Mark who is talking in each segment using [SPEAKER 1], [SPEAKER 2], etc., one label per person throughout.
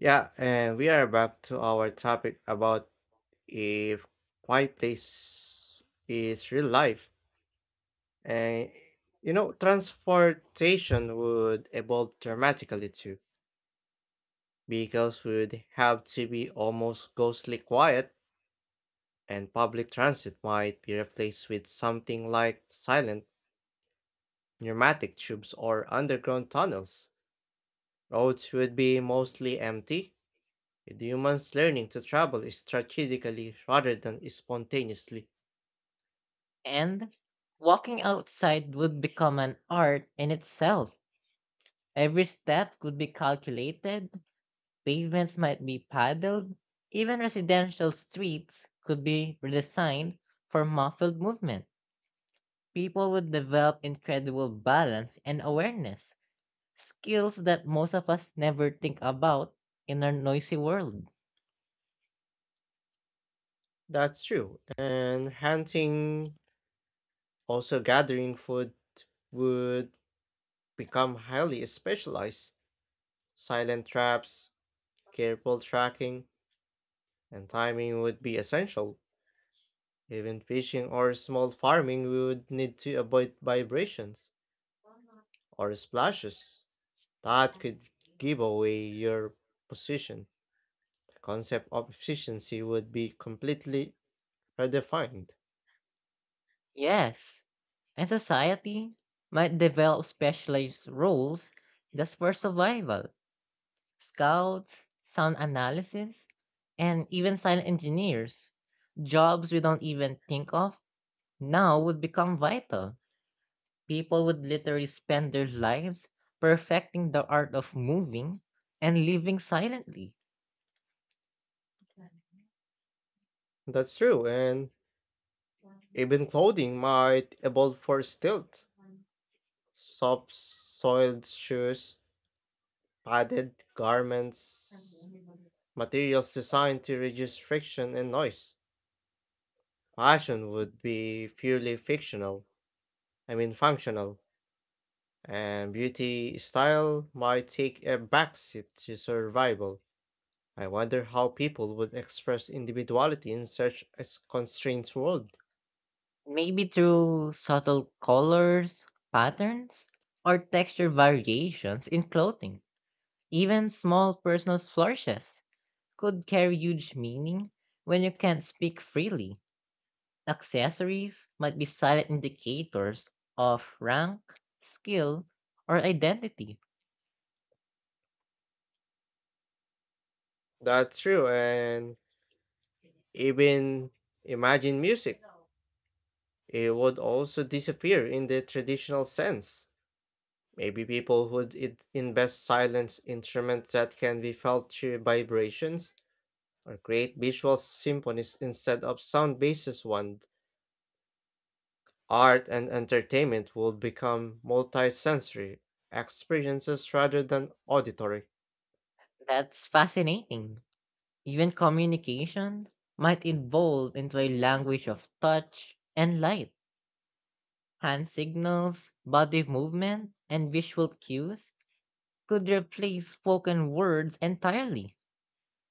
[SPEAKER 1] Yeah, and we are back to our topic about if quiet place is real life. And you know, transportation would evolve dramatically too. Vehicles would have to be almost ghostly quiet, and public transit might be replaced with something like silent pneumatic tubes or underground tunnels. Roads would be mostly empty, with humans learning to travel strategically rather than spontaneously.
[SPEAKER 2] And walking outside would become an art in itself. Every step could be calculated, pavements might be paddled, even residential streets could be redesigned for muffled movement. People would develop incredible balance and awareness, skills that most of us never think about in our noisy world.
[SPEAKER 1] That's true. And hunting, also gathering food, would become highly specialized. Silent traps, careful tracking, and timing would be essential. Even fishing or small farming would need to avoid vibrations or splashes that could give away your position. The concept of efficiency would be completely redefined.
[SPEAKER 2] Yes. And society might develop specialized roles just for survival scouts, sound analysis, and even silent engineers. Jobs we don't even think of now would become vital. People would literally spend their lives perfecting the art of moving and living silently,
[SPEAKER 1] That's true, and even clothing might evolve for stealth. Soft soiled shoes, padded garments, materials designed to reduce friction and noise. Fashion would be purely fictional, I mean functional, and beauty style might take a backseat to survival. I wonder how people would express individuality in such a constrained world.
[SPEAKER 2] maybe through subtle colors, patterns, or texture variations in clothing. Even small personal flourishes could carry huge meaning when you can't speak freely. Accessories might be silent indicators of rank, skill, or identity.
[SPEAKER 1] That's true, and even imagine music. It would also disappear in the traditional sense. Maybe people would it invest silence instruments that can be felt through vibrations or create visual symphonies instead of sound based ones. Art and entertainment would become multisensory experiences rather than auditory.
[SPEAKER 2] That's fascinating. Even communication might evolve into a language of touch and light. Hand signals, body movement, and visual cues could replace spoken words entirely.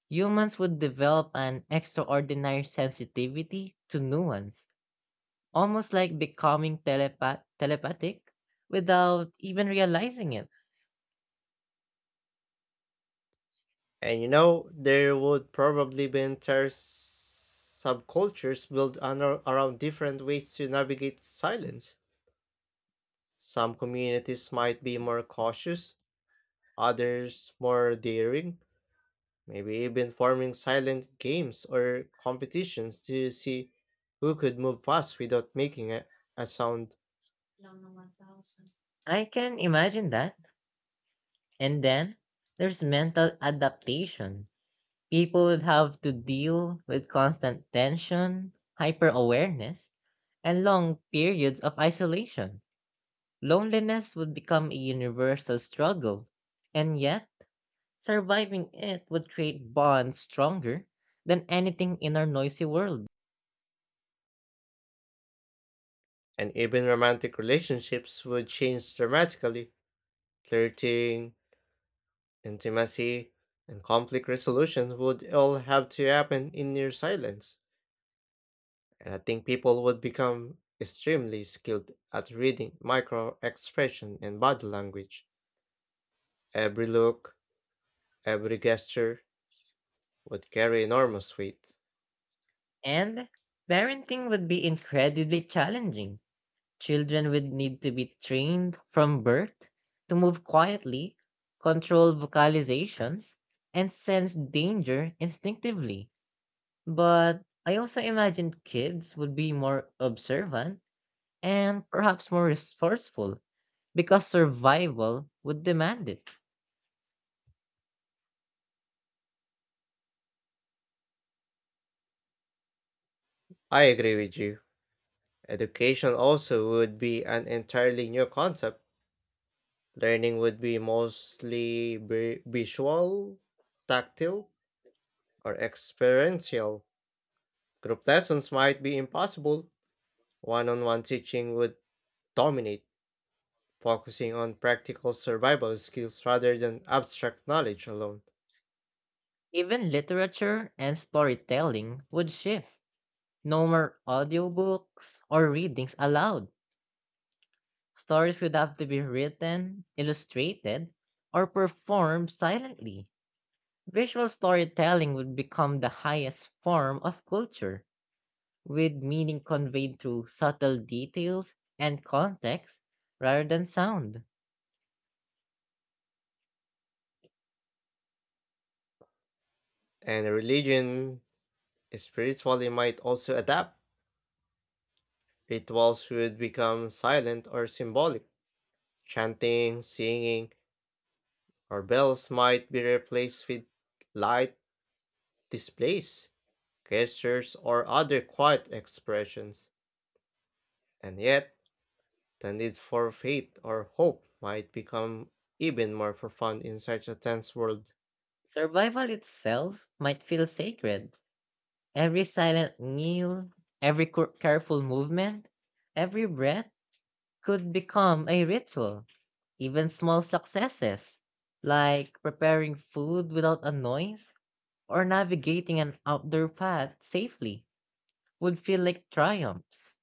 [SPEAKER 2] Humans would develop an extraordinary sensitivity to nuance, almost like becoming telepathic without even realizing it.
[SPEAKER 1] And you know, there would probably be entire subcultures built on, around different ways to navigate silence. Some communities might be more cautious, others more daring, maybe even forming silent games or competitions to see who could move fast without making a sound.
[SPEAKER 2] I can imagine that. And then there's mental adaptation. People would have to deal with constant tension, hyper awareness, and long periods of isolation. Loneliness would become a universal struggle. And yet, surviving it would create bonds stronger than anything in our noisy world.
[SPEAKER 1] And even romantic relationships would change dramatically. Flirting, intimacy, and conflict resolution would all have to happen in near silence. And I think people would become extremely skilled at reading micro expression and body language. Every look, every gesture would carry enormous weight.
[SPEAKER 2] And parenting would be incredibly challenging. Children would need to be trained from birth to move quietly, control vocalizations, and sense danger instinctively. But I also imagine kids would be more observant and perhaps more resourceful because survival would demand it.
[SPEAKER 1] I agree with you. Education also would be an entirely new concept. Learning would be mostly visual, tactile, or experiential. Group lessons might be impossible. One on one teaching would dominate, focusing on practical survival skills rather than abstract knowledge alone.
[SPEAKER 2] Even literature and storytelling would shift. No more audiobooks or readings allowed. Stories would have to be written, illustrated, or performed silently. Visual storytelling would become the highest form of culture, with meaning conveyed through subtle details and context rather than sound.
[SPEAKER 1] And religion spiritually might also adapt. Rituals would become silent or symbolic. Chanting, singing, our bells might be replaced with light displays, gestures, or other quiet expressions, and yet the need for faith or hope might become even more profound in such a tense world.
[SPEAKER 2] Survival itself might feel sacred. Every silent meal, every careful movement, every breath could become a ritual. Even small successes, like preparing food without a noise or navigating an outdoor path safely, would feel like triumphs.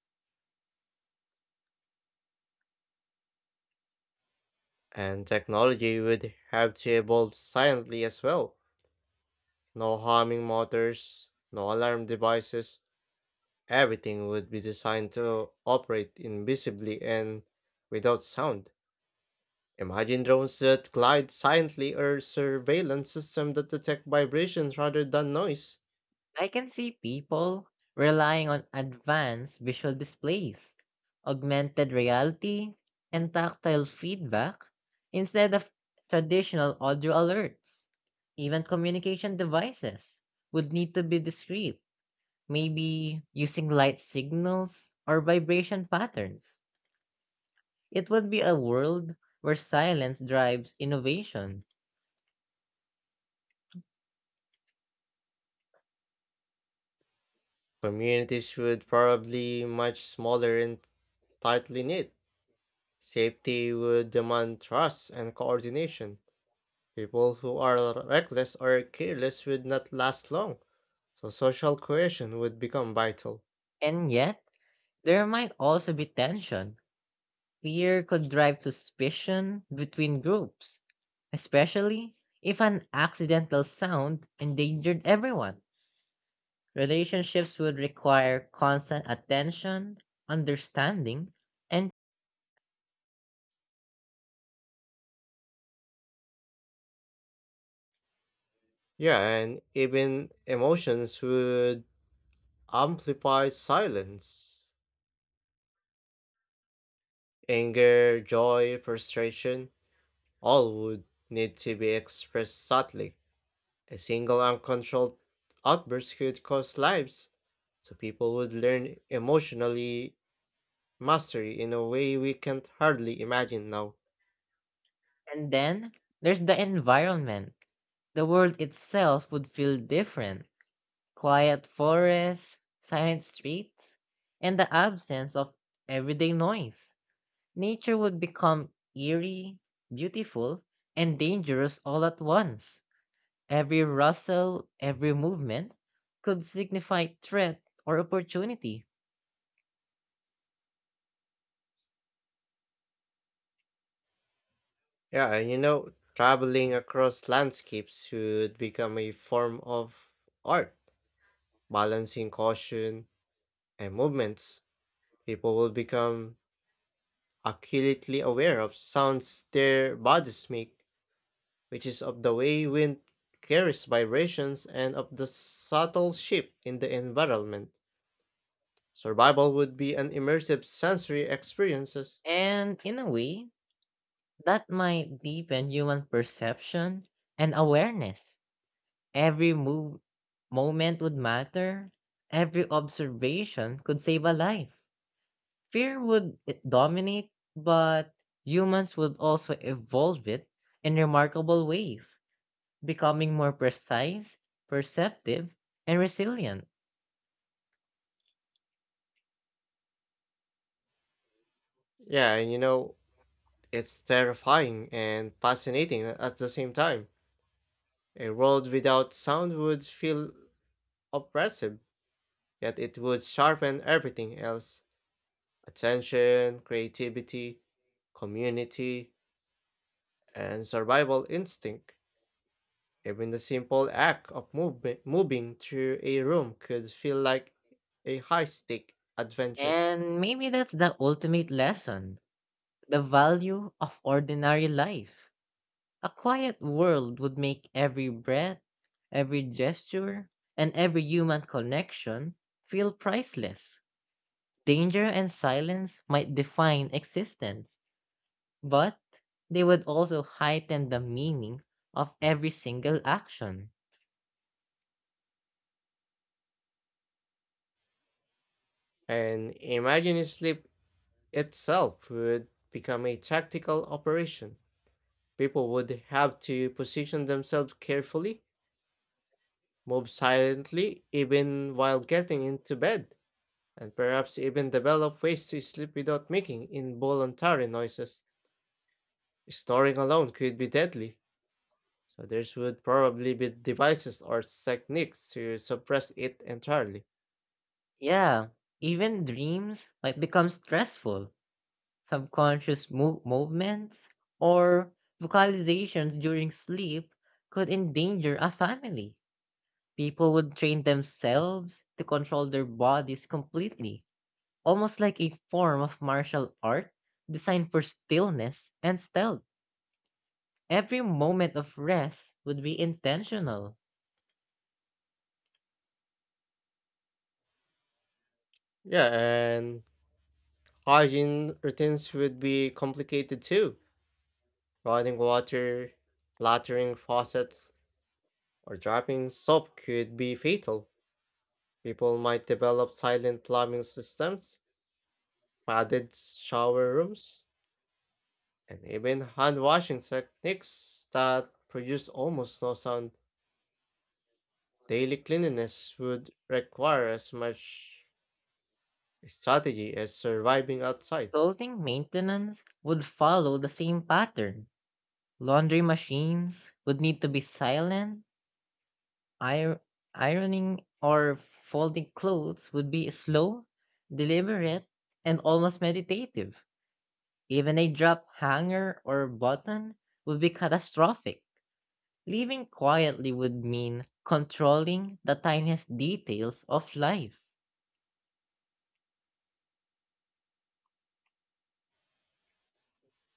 [SPEAKER 1] And technology would have to evolve silently as well. No homing motors, no alarm devices. Everything would be designed to operate invisibly and without sound. Imagine drones that glide silently or surveillance systems that detect vibrations rather than noise.
[SPEAKER 2] I can see people relying on advanced visual displays, augmented reality, and tactile feedback instead of traditional audio alerts. Even communication devices would need to be discreet, maybe using light signals or vibration patterns. It would be a world where silence drives innovation.
[SPEAKER 1] Communities would probably much smaller and tightly knit. Safety would demand trust and coordination. People who are reckless or careless would not last long, so social cohesion would become vital.
[SPEAKER 2] And yet, there might also be tension. Fear could drive suspicion between groups, especially if an accidental sound endangered everyone. Relationships would require constant attention, understanding, and
[SPEAKER 1] Yeah, and even emotions would amplify silence. Anger, joy, frustration, all would need to be expressed subtly. A single uncontrolled outburst could cost lives, so people would learn emotionally mastery in a way we can't hardly imagine now.
[SPEAKER 2] and then there's the environment. The world itself would feel different. Quiet forests, silent streets, and the absence of everyday noise. Nature would become eerie, beautiful, and dangerous all at once. Every rustle, every movement could signify threat or opportunity.
[SPEAKER 1] Yeah, and you know, traveling across landscapes would become a form of art, balancing caution and movements. People will become acutely aware of sounds their bodies make, which is of the way wind carries vibrations and of the subtle shift in the environment. Survival would be an immersive sensory experiences.
[SPEAKER 2] And in a way, that might deepen human perception and awareness. Every move moment would matter. Every observation could save a life. Dominate, but humans would also evolve it in remarkable ways, becoming more precise, perceptive, and resilient.
[SPEAKER 1] Yeah, and you know, it's terrifying and fascinating at the same time. A world without sound would feel oppressive, yet it would sharpen everything else attention, creativity, community, and survival instinct. Even the simple act of movement, moving through a room could feel like a high stake adventure.
[SPEAKER 2] And maybe that's the ultimate lesson, the value of ordinary life. A quiet world would make every breath, every gesture, and every human connection feel priceless. Danger and silence might define existence, but they would also heighten the meaning of every single action.
[SPEAKER 1] And imagining sleep itself would become a tactical operation. People would have to position themselves carefully, move silently, even while getting into bed, and perhaps even develop ways to sleep without making involuntary noises. Snoring alone could be deadly, so there would probably be devices or techniques to suppress it entirely.
[SPEAKER 2] Yeah, even dreams might become stressful. Subconscious movements or vocalizations during sleep could endanger a family. People would train themselves to control their bodies completely, almost like a form of martial art designed for stillness and stealth. Every moment of rest would be intentional.
[SPEAKER 1] Yeah, and hygiene routines would be complicated too. Running water, lattering faucets, or dropping soap could be fatal. People might develop silent plumbing systems, padded shower rooms, and even hand washing techniques that produce almost no sound. Daily cleanliness would require as much strategy as surviving outside.
[SPEAKER 2] Clothing maintenance would follow the same pattern. Laundry machines would need to be silent. Ir- Ironing or folding clothes would be slow, deliberate, and almost meditative. Even a drop hanger or button would be catastrophic. Living quietly would mean controlling the tiniest details of life.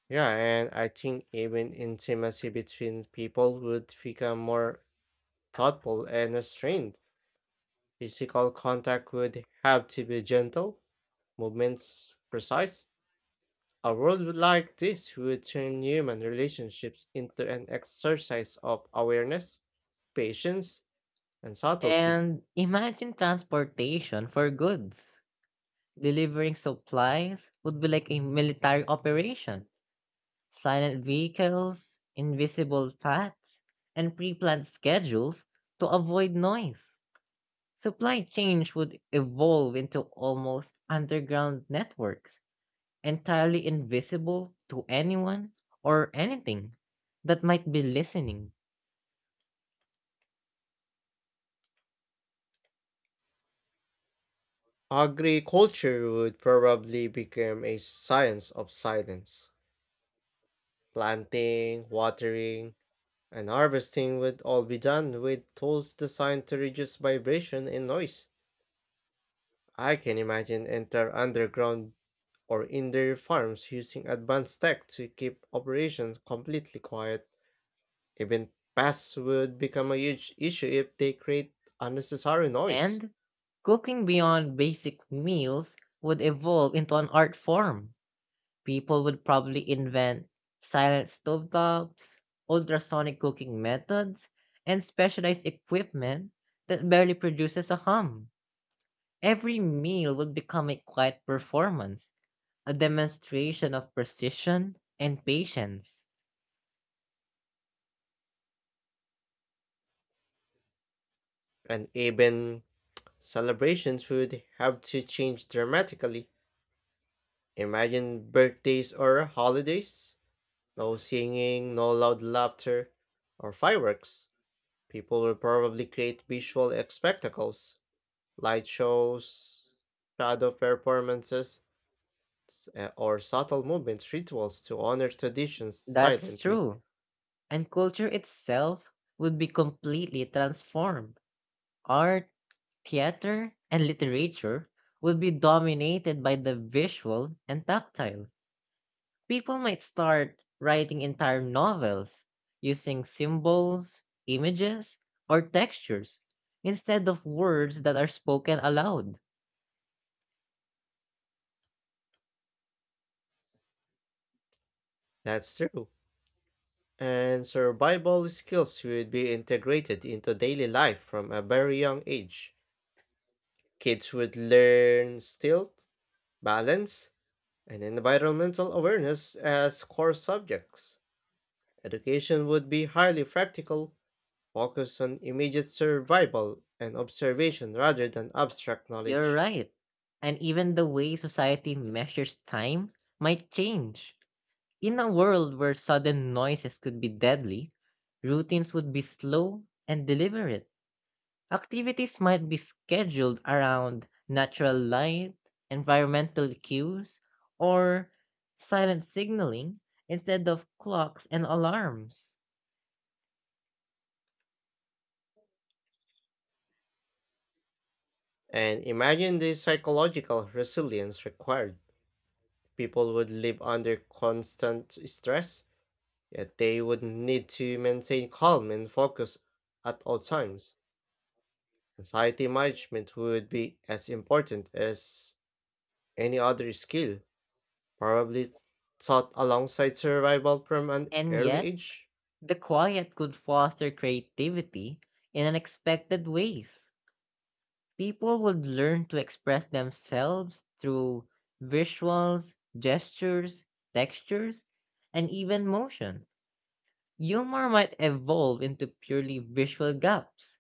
[SPEAKER 1] Yeah, and I think even intimacy between people would become more thoughtful and restrained. Physical contact would have to be gentle, movements precise. A world like this would turn human relationships into an exercise of awareness, patience, and subtlety.
[SPEAKER 2] And imagine transportation for goods. Delivering supplies would be like a military operation, silent vehicles, invisible paths, and pre-planned schedules to avoid noise. Supply chains would evolve into almost underground networks, entirely invisible to anyone or anything that might be listening.
[SPEAKER 1] Agriculture would probably become a science of silence. Planting, watering, and harvesting would all be done with tools designed to reduce vibration and noise. I can imagine entire underground or indoor farms using advanced tech to keep operations completely quiet. Even pests would become a huge issue if they create unnecessary noise.
[SPEAKER 2] And cooking beyond basic meals would evolve into an art form. People would probably invent silent stovetops, ultrasonic cooking methods, and specialized equipment that barely produces a hum. Every meal would become a quiet performance, a demonstration of precision and patience.
[SPEAKER 1] And even celebrations would have to change dramatically. Imagine birthdays or holidays. No singing, no loud laughter, or fireworks. People will probably create visual spectacles, light shows, shadow performances, or subtle movements rituals to honor traditions
[SPEAKER 2] That's
[SPEAKER 1] silently.
[SPEAKER 2] true. And culture itself would be completely transformed. Art, theater, and literature would be dominated by the visual and tactile. People might start writing entire novels using symbols, images, or textures instead of words that are spoken aloud.
[SPEAKER 1] That's true. And survival skills would be integrated into daily life from a very young age. Kids would learn stealth, balance, and environmental awareness as core subjects. Education would be highly practical, focus on immediate survival and observation rather than abstract
[SPEAKER 2] You're
[SPEAKER 1] knowledge.
[SPEAKER 2] right. And even the way society measures time might change. In a world where sudden noises could be deadly, routines would be slow and deliberate. Activities might be scheduled around natural light, environmental cues, or silent signaling instead of clocks and alarms.
[SPEAKER 1] And imagine the psychological resilience required. People would live under constant stress, yet they would need to maintain calm and focus at all times. Anxiety management would be as important as any other skill, probably taught alongside survival from an
[SPEAKER 2] And
[SPEAKER 1] early
[SPEAKER 2] yet,
[SPEAKER 1] age.
[SPEAKER 2] the quiet could foster creativity in unexpected ways. People would learn to express themselves through visuals, gestures, textures, and even motion. Humor might evolve into purely visual gaps,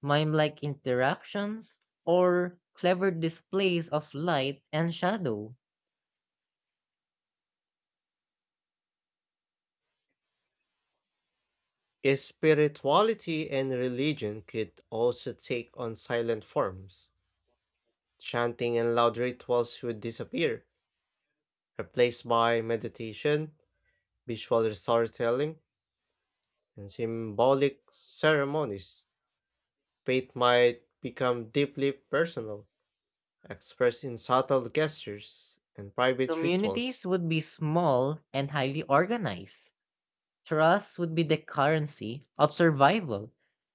[SPEAKER 2] mime-like interactions, or clever displays of light and shadow.
[SPEAKER 1] Spirituality and religion could also take on silent forms. Chanting and loud rituals would disappear, replaced by meditation, visual storytelling, and symbolic ceremonies. Faith might become deeply personal, expressed in subtle gestures and private rituals.
[SPEAKER 2] Communities would be small and highly organized. Trust would be the currency of survival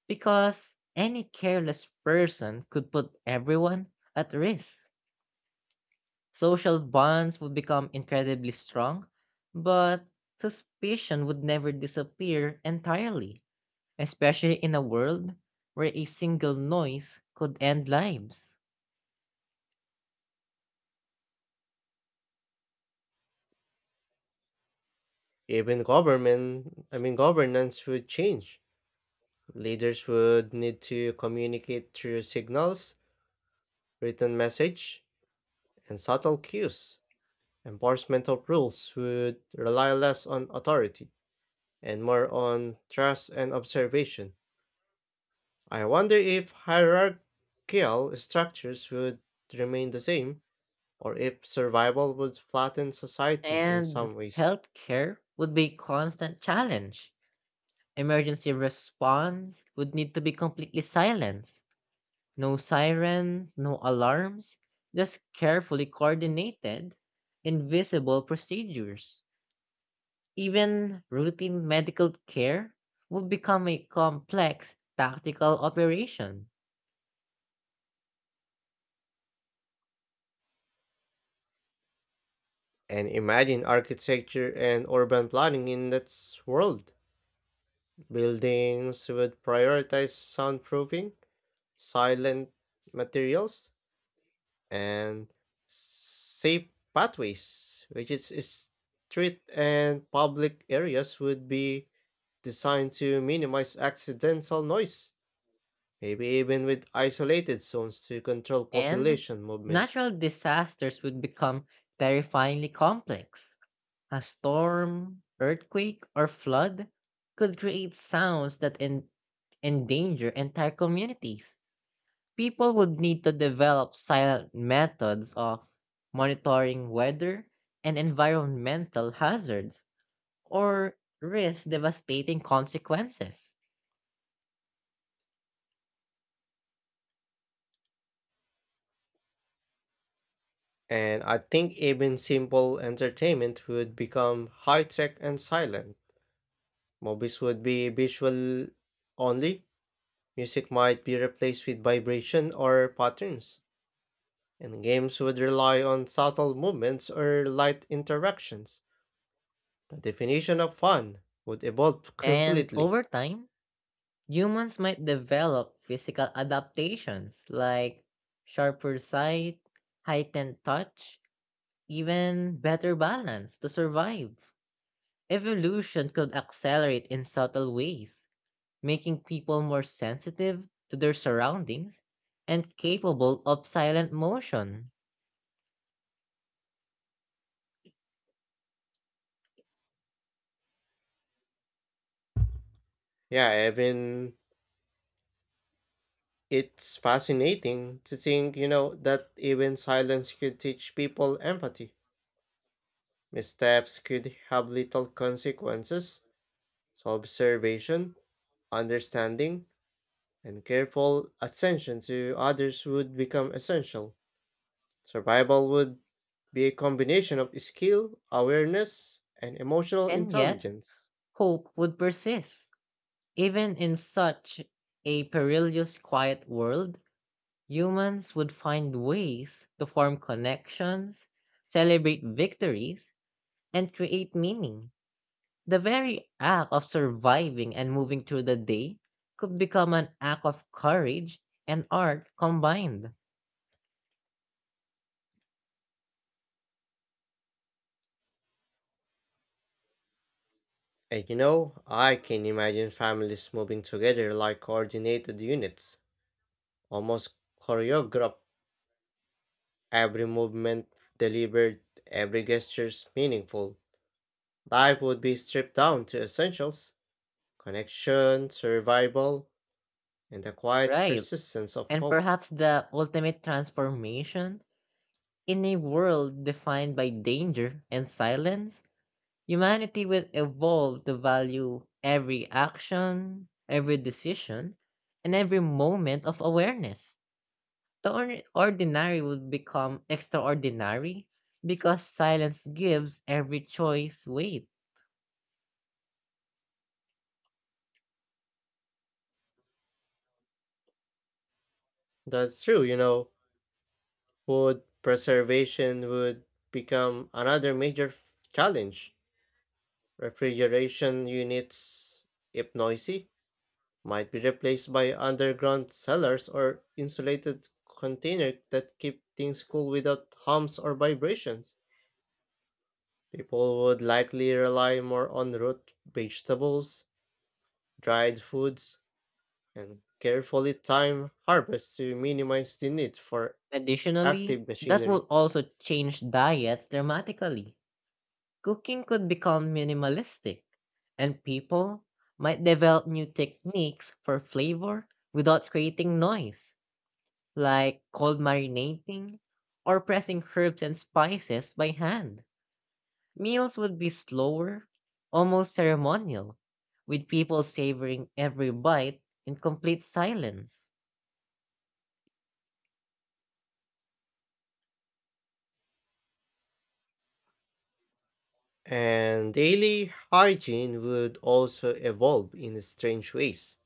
[SPEAKER 2] because any careless person could put everyone at risk. Social bonds would become incredibly strong, but suspicion would never disappear entirely, especially in a world where a single noise could end lives.
[SPEAKER 1] Even government, I mean governance would change. Leaders would need to communicate through signals, written message, and subtle cues. Enforcement of rules would rely less on authority and more on trust and observation. I wonder if hierarchical structures would remain the same, or if survival would flatten society in some
[SPEAKER 2] And
[SPEAKER 1] ways.
[SPEAKER 2] healthcare would be a constant challenge. Emergency response would need to be completely silenced. No sirens, no alarms, just carefully coordinated, invisible procedures. Even routine medical care would become a complex tactical operation.
[SPEAKER 1] And imagine architecture and urban planning in that world. Buildings would prioritize soundproofing, silent materials, and safe pathways, which is street and public areas, would be designed to minimize accidental noise, maybe even with isolated zones to control
[SPEAKER 2] And
[SPEAKER 1] population movement.
[SPEAKER 2] natural disasters would become terrifyingly complex. A storm, earthquake, or flood could create sounds that endanger entire communities. People would need to develop silent methods of monitoring weather and environmental hazards or risk devastating consequences.
[SPEAKER 1] And I think even simple entertainment would become high tech and silent. Movies would be visual only. Music might be replaced with vibration or patterns, and games would rely on subtle movements or light interactions. The definition of fun would evolve
[SPEAKER 2] And
[SPEAKER 1] completely.
[SPEAKER 2] over time, humans might develop physical adaptations like sharper sight, heightened touch, even better balance to survive. Evolution could accelerate in subtle ways, making people more sensitive to their surroundings and capable of silent motion.
[SPEAKER 1] Yeah, even it's fascinating to think, you know, that even silence could teach people empathy. Missteps could have little consequences, so observation, understanding, and careful attention to others would become essential. Survival would be a combination of skill, awareness, and emotional
[SPEAKER 2] And yet,
[SPEAKER 1] intelligence.
[SPEAKER 2] hope would persist. Even in such a perilous, quiet world, humans would find ways to form connections, celebrate victories, and create meaning. The very act of surviving and moving through the day could become an act of courage and art combined.
[SPEAKER 1] And you know, I can imagine families moving together like coordinated units, almost choreographed, every movement delivered, every gesture meaningful. Life would be stripped down to essentials connection, survival, and the quiet
[SPEAKER 2] Right.
[SPEAKER 1] persistence of
[SPEAKER 2] And
[SPEAKER 1] hope.
[SPEAKER 2] perhaps the ultimate transformation in a world defined by danger and silence, humanity will evolve to value every action, every decision, and every moment of awareness. The ordinary will become extraordinary because silence gives every choice weight.
[SPEAKER 1] That's true, you know. Food preservation would become another major challenge. Refrigeration units, if noisy, might be replaced by underground cellars or insulated containers that keep things cool without hums or vibrations. People would likely rely more on root vegetables, dried foods, and carefully timed harvests to minimize the need for
[SPEAKER 2] Additionally,
[SPEAKER 1] active
[SPEAKER 2] that
[SPEAKER 1] machinery.
[SPEAKER 2] will also change diets dramatically. Cooking could become minimalistic, and people might develop new techniques for flavor without creating noise, like cold marinating or pressing herbs and spices by hand. Meals would be slower, almost ceremonial, with people savoring every bite in complete silence.
[SPEAKER 1] And daily hygiene would also evolve in strange ways.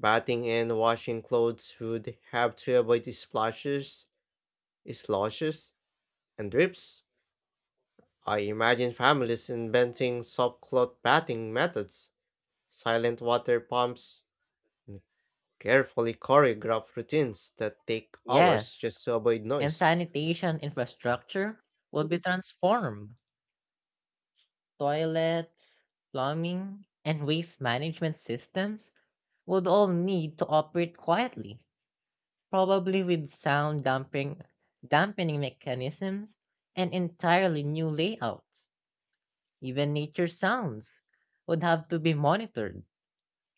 [SPEAKER 1] Bathing and washing clothes would have to avoid splashes, sloshes, and drips. I imagine families inventing soft cloth bathing methods, silent water pumps, and carefully choreographed routines that take hours
[SPEAKER 2] Yes,
[SPEAKER 1] just to avoid
[SPEAKER 2] and
[SPEAKER 1] noise.
[SPEAKER 2] sanitation infrastructure would be transformed. Toilets, plumbing, and waste management systems would all need to operate quietly, probably with dampening mechanisms and entirely new layouts. Even nature sounds would have to be monitored,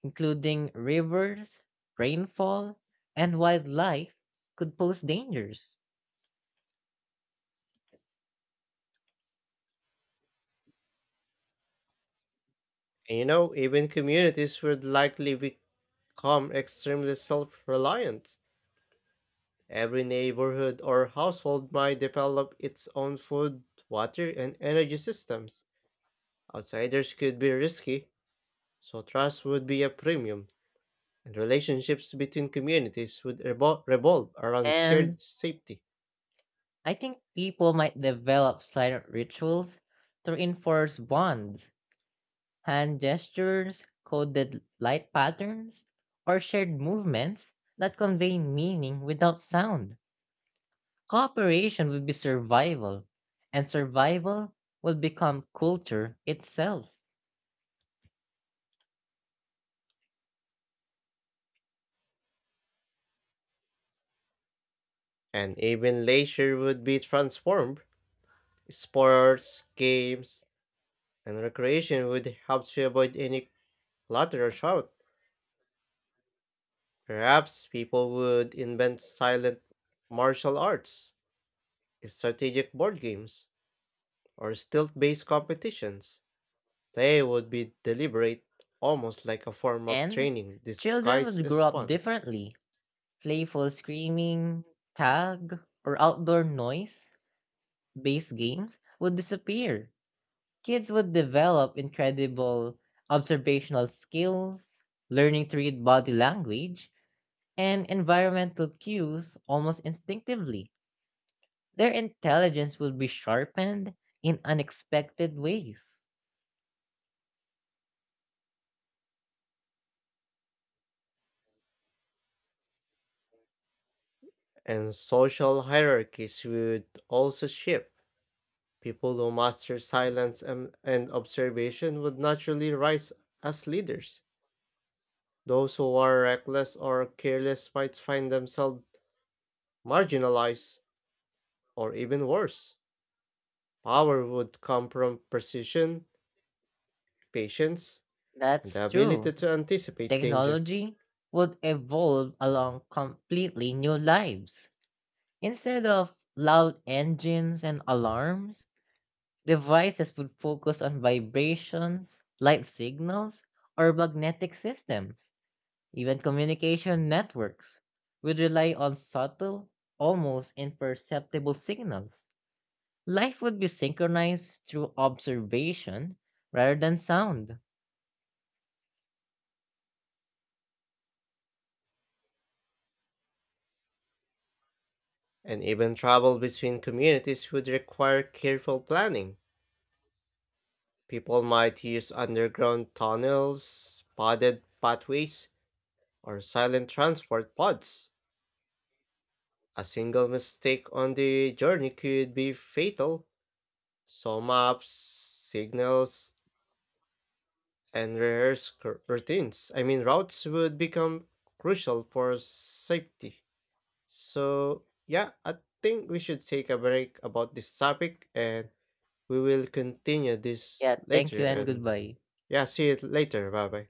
[SPEAKER 2] including rivers, rainfall, and wildlife could pose dangers.
[SPEAKER 1] And you know, even communities would likely become extremely self reliant. Every neighborhood or household might develop its own food, water, and energy systems. Outsiders could be risky, so trust would be a premium, and relationships between communities would revolve around
[SPEAKER 2] And
[SPEAKER 1] shared safety.
[SPEAKER 2] I think people might develop silent rituals to reinforce bonds, hand gestures, coded light patterns, or shared movements that convey meaning without sound. Cooperation would be survival, and survival would become culture itself.
[SPEAKER 1] And even leisure would be transformed. Sports, games, and recreation would help to avoid any clutter or shout. Perhaps people would invent silent martial arts, strategic board games or stealth-based competitions. They would be deliberate, almost like a form of
[SPEAKER 2] And
[SPEAKER 1] training
[SPEAKER 2] children
[SPEAKER 1] disguised
[SPEAKER 2] would grow
[SPEAKER 1] as
[SPEAKER 2] up
[SPEAKER 1] fun.
[SPEAKER 2] differently. Playful screaming, tag, or outdoor noise based games would disappear. Kids would develop incredible observational skills, learning to read body language, and environmental cues almost instinctively. Their intelligence would be sharpened in unexpected ways.
[SPEAKER 1] And social hierarchies would also shift. People who master silence and observation would naturally rise as leaders. Those who are reckless or careless might find themselves marginalized, or even worse. Power would come from precision, patience, and the
[SPEAKER 2] That's
[SPEAKER 1] ability
[SPEAKER 2] true.
[SPEAKER 1] to anticipate danger.
[SPEAKER 2] Technology would evolve along completely new lives. Instead of loud engines and alarms, devices would focus on vibrations, light signals, or magnetic systems. Even communication networks would rely on subtle, almost imperceptible signals. Life would be synchronized through observation rather than sound.
[SPEAKER 1] And even travel between communities would require careful planning. People might use underground tunnels, padded pathways, or silent transport pods. A single mistake on the journey could be fatal. So maps, signals, and rehearsed cr- routines, I mean routes would become crucial for safety. So yeah, I think we should take a break about this topic and we will continue this
[SPEAKER 2] Yeah, thank
[SPEAKER 1] later
[SPEAKER 2] you and
[SPEAKER 1] and
[SPEAKER 2] goodbye.
[SPEAKER 1] yeah, see you later. Bye bye.